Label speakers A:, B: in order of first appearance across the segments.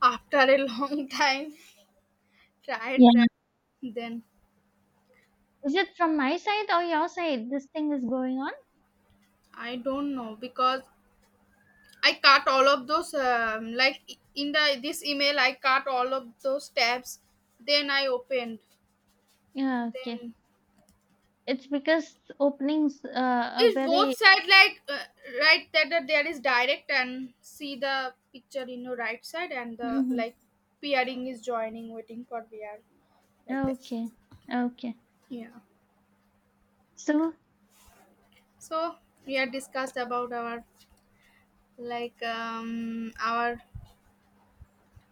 A: After a long time,
B: Yeah.
A: tried. Then
B: Is it from my side or your side this thing is going on?
A: I don't know because I cut all of those like, in the this email I cut all of those tabs, then I opened.
B: Yeah, okay.
A: Then
B: It's because openings are
A: it's
B: very.
A: both side like, right that there is direct and see the picture in your right side and the
B: Hmm.
A: like pairing is joining waiting for VR, like that.
B: Okay, okay.
A: Yeah,
B: So,
A: so we had discussed about our like our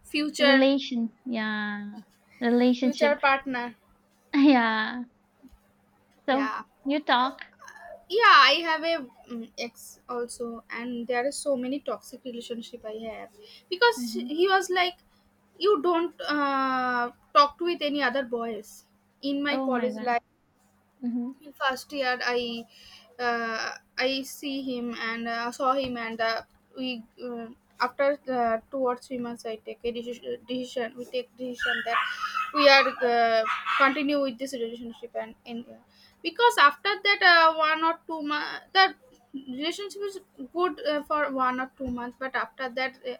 A: future
B: relation. Yeah, relationship.
A: future partner.
B: Yeah. So,
A: Yeah.
B: you talk.
A: Yeah, I have a ex also and there is so many toxic relationship I have because
B: Hmm.
A: he was like, you don't talk with any other boys in my
B: Oh my
A: college
B: God.
A: life.
B: Mm-hmm.
A: First year I uh, I see him and saw him and uh, we after 2 or 3 months I take a decision, we take decision that we are, uh, continue with this relationship and, in, because after that 1 or 2 months that relationship is good for 1 or 2 months, but after that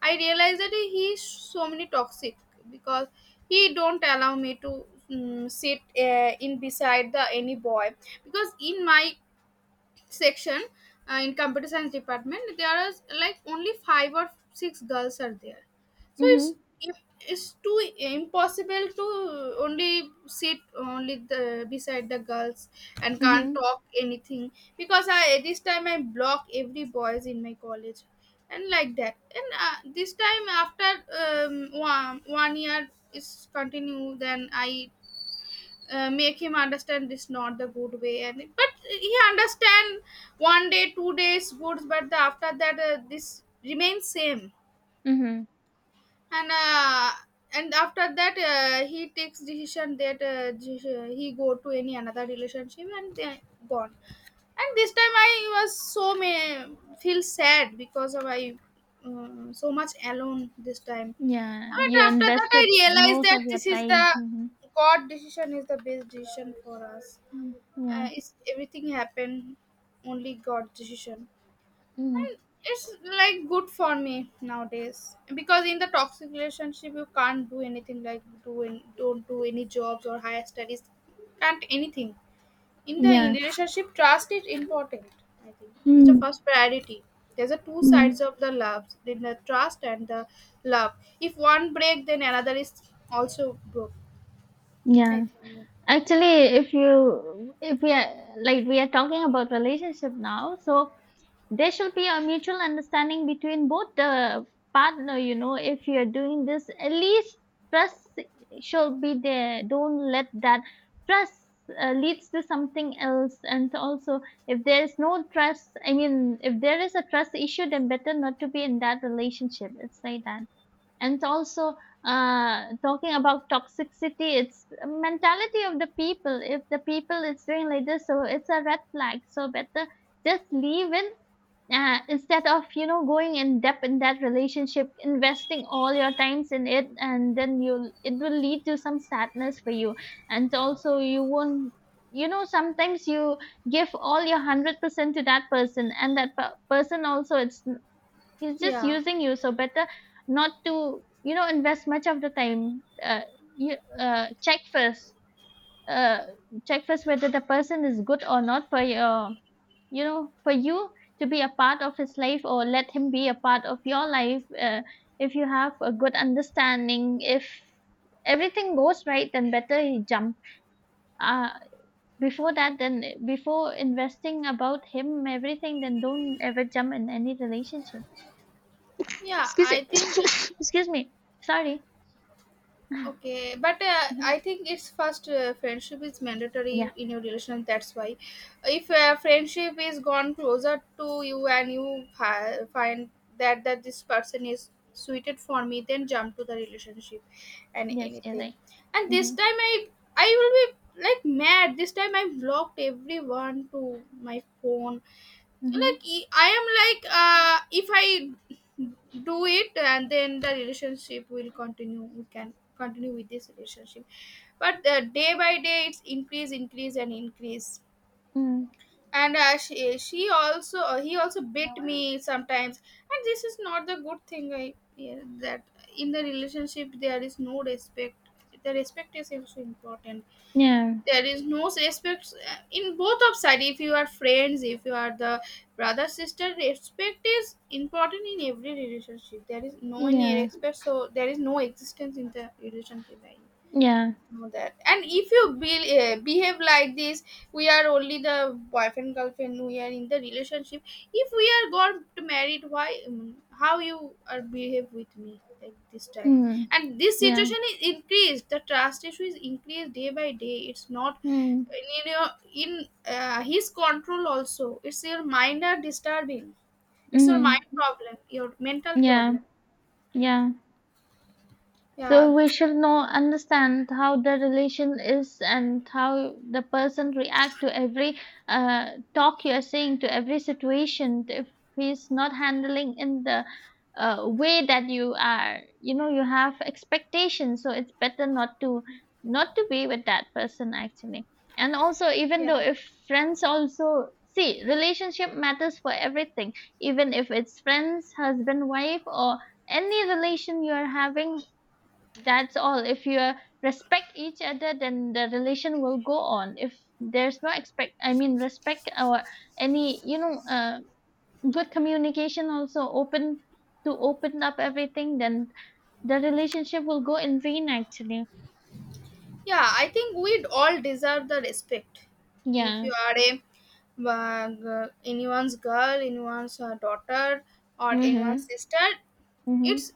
A: I realized that he is so many toxic because he don't allow me to sit in beside the any boy because in my section, in computer science department there are like only five or six girls are there. So it's
B: Mm-hmm.
A: it's too impossible to only sit only the beside the girls and can't
B: Mm-hmm.
A: talk anything, because I this time I block every boys in my college and like that. And this time after 1 year is continue, then I make him understand this not the good way, and but he understand one day 2 days good, but the, after that this remains same.
B: Mm-hmm.
A: And and after that he takes decision that he go to any another relationship and they gone. And this time I was so may feel sad because of I, so much alone this time.
B: Yeah,
A: But
B: you
A: after that I
B: invested
A: realized
B: most
A: that
B: of your
A: this is the
B: time. Mm-hmm.
A: god decision is the best decision for us.
B: Mm-hmm, yeah.
A: It's everything happened only god decision.
B: Mm-hmm.
A: And it's like good for me nowadays because in the toxic relationship you can't do anything like doing, don't do any jobs or higher studies, can't anything. In the in
B: Yeah.
A: relationship trust is important, I think it's the
B: Mm-hmm.
A: first priority. There's a two
B: Mm-hmm,
A: sides of the love in the trust and the love, if one break then another is also broke, I
B: yeah.
A: think.
B: Actually, if we are, like, we are talking about relationship now, so there should be a mutual understanding between both the partner, if you are doing this, at least trust should be there. Don't let that trust leads to something else. And also, if there is no trust, I mean, if there is a trust issue, then better not to be in that relationship. It's like that. And also, talking about toxicity, it's mentality of the people. If the people is doing like this, so it's a red flag, so better just leave it, instead of, going in depth in that relationship, investing all your times in it, and then you'll it will lead to some sadness for you. And also you won't, sometimes you give all your 100% to that person, and that person also it's he's just
A: Yeah.
B: using you. So better not to, invest much of the time, you check first, uh, whether the person is good or not for your, for you to be a part of his life, or let him be a part of your life, if you have a good understanding, if everything goes right, then better he jump uh before that, then before investing about him everything, then don't ever jump in any relationship.
A: Yeah,
B: Excuse
A: I
B: me.
A: think.
B: Excuse me. Sorry.
A: Okay, but
B: Mhm.
A: I think it's first, friendship is
B: Yeah.
A: mandatory in your relation. That's why, if friendship is gone closer to you and you find that this person is suited for me, then jump to the relationship and
B: Yes. Yes. I.
A: anything. And this
B: Mhm.
A: time I will be like mad. This time I blocked everyone to my phone
B: Mhm.
A: like, I am like, if I do it and then the relationship will continue, we can continue with this relationship. But day by day it's increase increase and increase.
B: Mm.
A: And she also he also bit me sometimes, and this is not the good thing. I, yeah, that in the relationship there is no respect. The respect is also important.
B: Yeah.
A: There is no respect in both of side, if you are friends, if you are the brother sister, respect is important in every relationship. There is no any
B: Yeah.
A: respect, so there is no existence in the relationship. I
B: Yeah.
A: know that. And if you behave like this, we are only the boyfriend girlfriend, we are in the relationship. If we are got married, why how you are behave with me like this time.
B: Mm.
A: And this
B: Yeah.
A: situation is increased, the trust issue is increased day by day. It's not
B: Mm.
A: in your, in his control also, it's your mind are disturbing, it's your mind
B: Mhm.
A: problem, your mental
B: Yeah.
A: problem.
B: Yeah. So
A: Yeah.
B: we should know understand how the relation is and how the person react to every talk you are saying, to every situation. If he's not handling in the way that you are, you know, you have expectations, so it's better not to be with that person, actually. And also, even
A: Yeah.
B: though, if friends also, see, relationship matters for everything, even if it's friends, husband, wife, or any relation you are having, that's all, if you respect each other, then the relation will go on. If there's no expect, I mean respect, or any, good communication, also open to open up everything, then the relationship will go in vain, actually.
A: Yeah, I think we'd all deserve the respect. If
B: Yeah.
A: you are a, anyone's girl, anyone's daughter, or anyone's
B: Mhm.
A: sister,
B: Mhm.
A: it's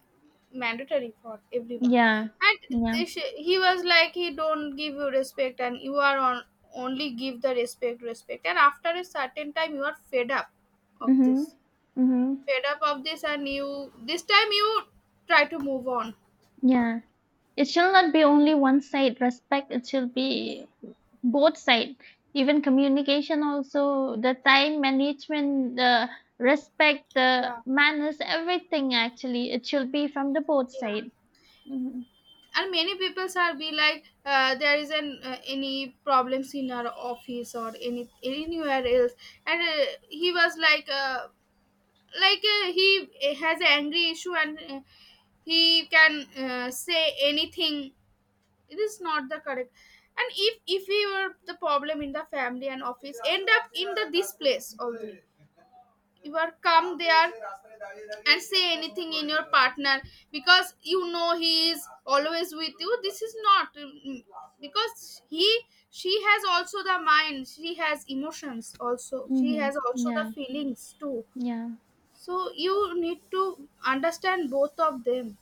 A: mandatory for everyone.
B: Yeah.
A: And
B: Yeah.
A: they he was like, he don't give you respect, and you are on only give the respect, respect. And after a certain time, you are fed up of
B: Mhm.
A: this,
B: Mhm.
A: fed up of this, and you this time you try to move on.
B: Yeah. It shall not be only one side respect, it should be both side. Even communication also, the time management, the respect, the
A: Yeah,
B: manners, everything, actually. It should be from the both
A: yeah.
B: side. Mm-hmm.
A: And many people are be like, there is an, any problems in our office or any anywhere else. And he was like, he has an angry issue and he can say anything, it is not the correct. And if we were the problem in the family and office end up in the this place only, you are come there and say anything in your partner because you know he is always with you. This is not, because he, she has also the mind, she has emotions also, she
B: Mm-hmm.
A: has also the
B: Yeah.
A: feelings too.
B: Yeah.
A: So you need to understand both of them.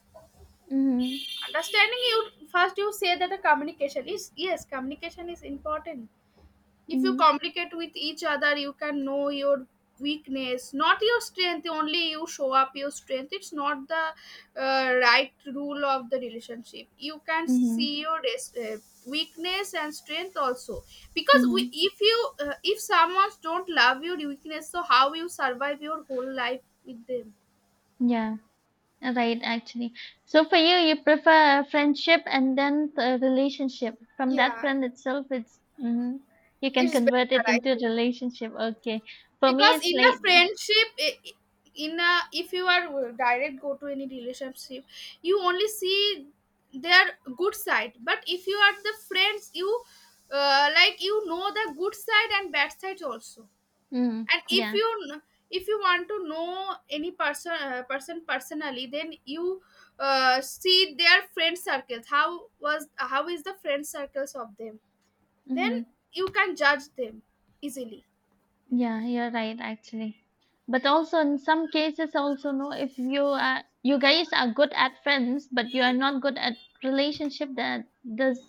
B: Mm-hmm.
A: Understanding you, first you say that the communication is, yes, communication is important. If you
B: Mm-hmm.
A: communicate with each other, you can know your weakness, not your strength only. You show up your strength, it's not the right rule of the relationship. You can see
B: Mm-hmm.
A: your weakness and strength also, because we,
B: Mm-hmm.
A: if you, if someone don't love your weakness, so how you survive your whole life with them.
B: Yeah. Right, actually. So for you, you prefer a friendship and then a relationship. From that
A: Yeah,
B: friend itself, it's, you can
A: it's better,
B: convert it
A: I
B: into a
A: think.
B: relationship. Okay. For me,
A: Because
B: it's
A: in the
B: like,
A: friendship, in a, if you are direct go to any relationship, you only see their good side. But if you are the friends, you like, you know the good side and bad side also.
B: mm,
A: And if
B: yeah.
A: you if you want to know any person, person personally, then you see their friend circles, how was how is the friend circles of them, then
B: Mm-hmm.
A: you can judge them easily, I think.
B: Yeah, you're right, actually. But also in some cases also, no, if you guys are good at friends but you are not good at relationship, that does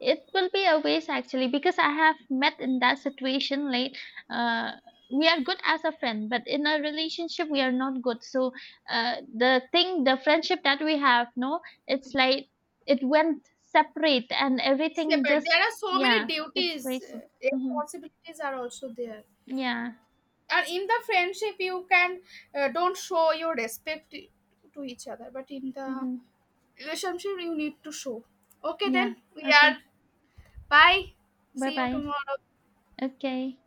B: it will be a waste, actually, because I have met in that situation. Like, uh we are good as a friend but in a relationship we are not good, so the friendship that we have, no, it's like it went separate, and everything
A: Separate.
B: just.
A: There are so many
B: Yeah, it's
A: duties,
B: wasted. Hmm.
A: responsibilities are also there.
B: Yeah.
A: And in the friendship, you can don't show your respect to each other, but in the
B: Hmm.
A: relationship, you need to show. Okay,
B: Yeah,
A: then we
B: okay.
A: are. Bye.
B: Bye
A: See you
B: bye.
A: tomorrow.
B: Okay.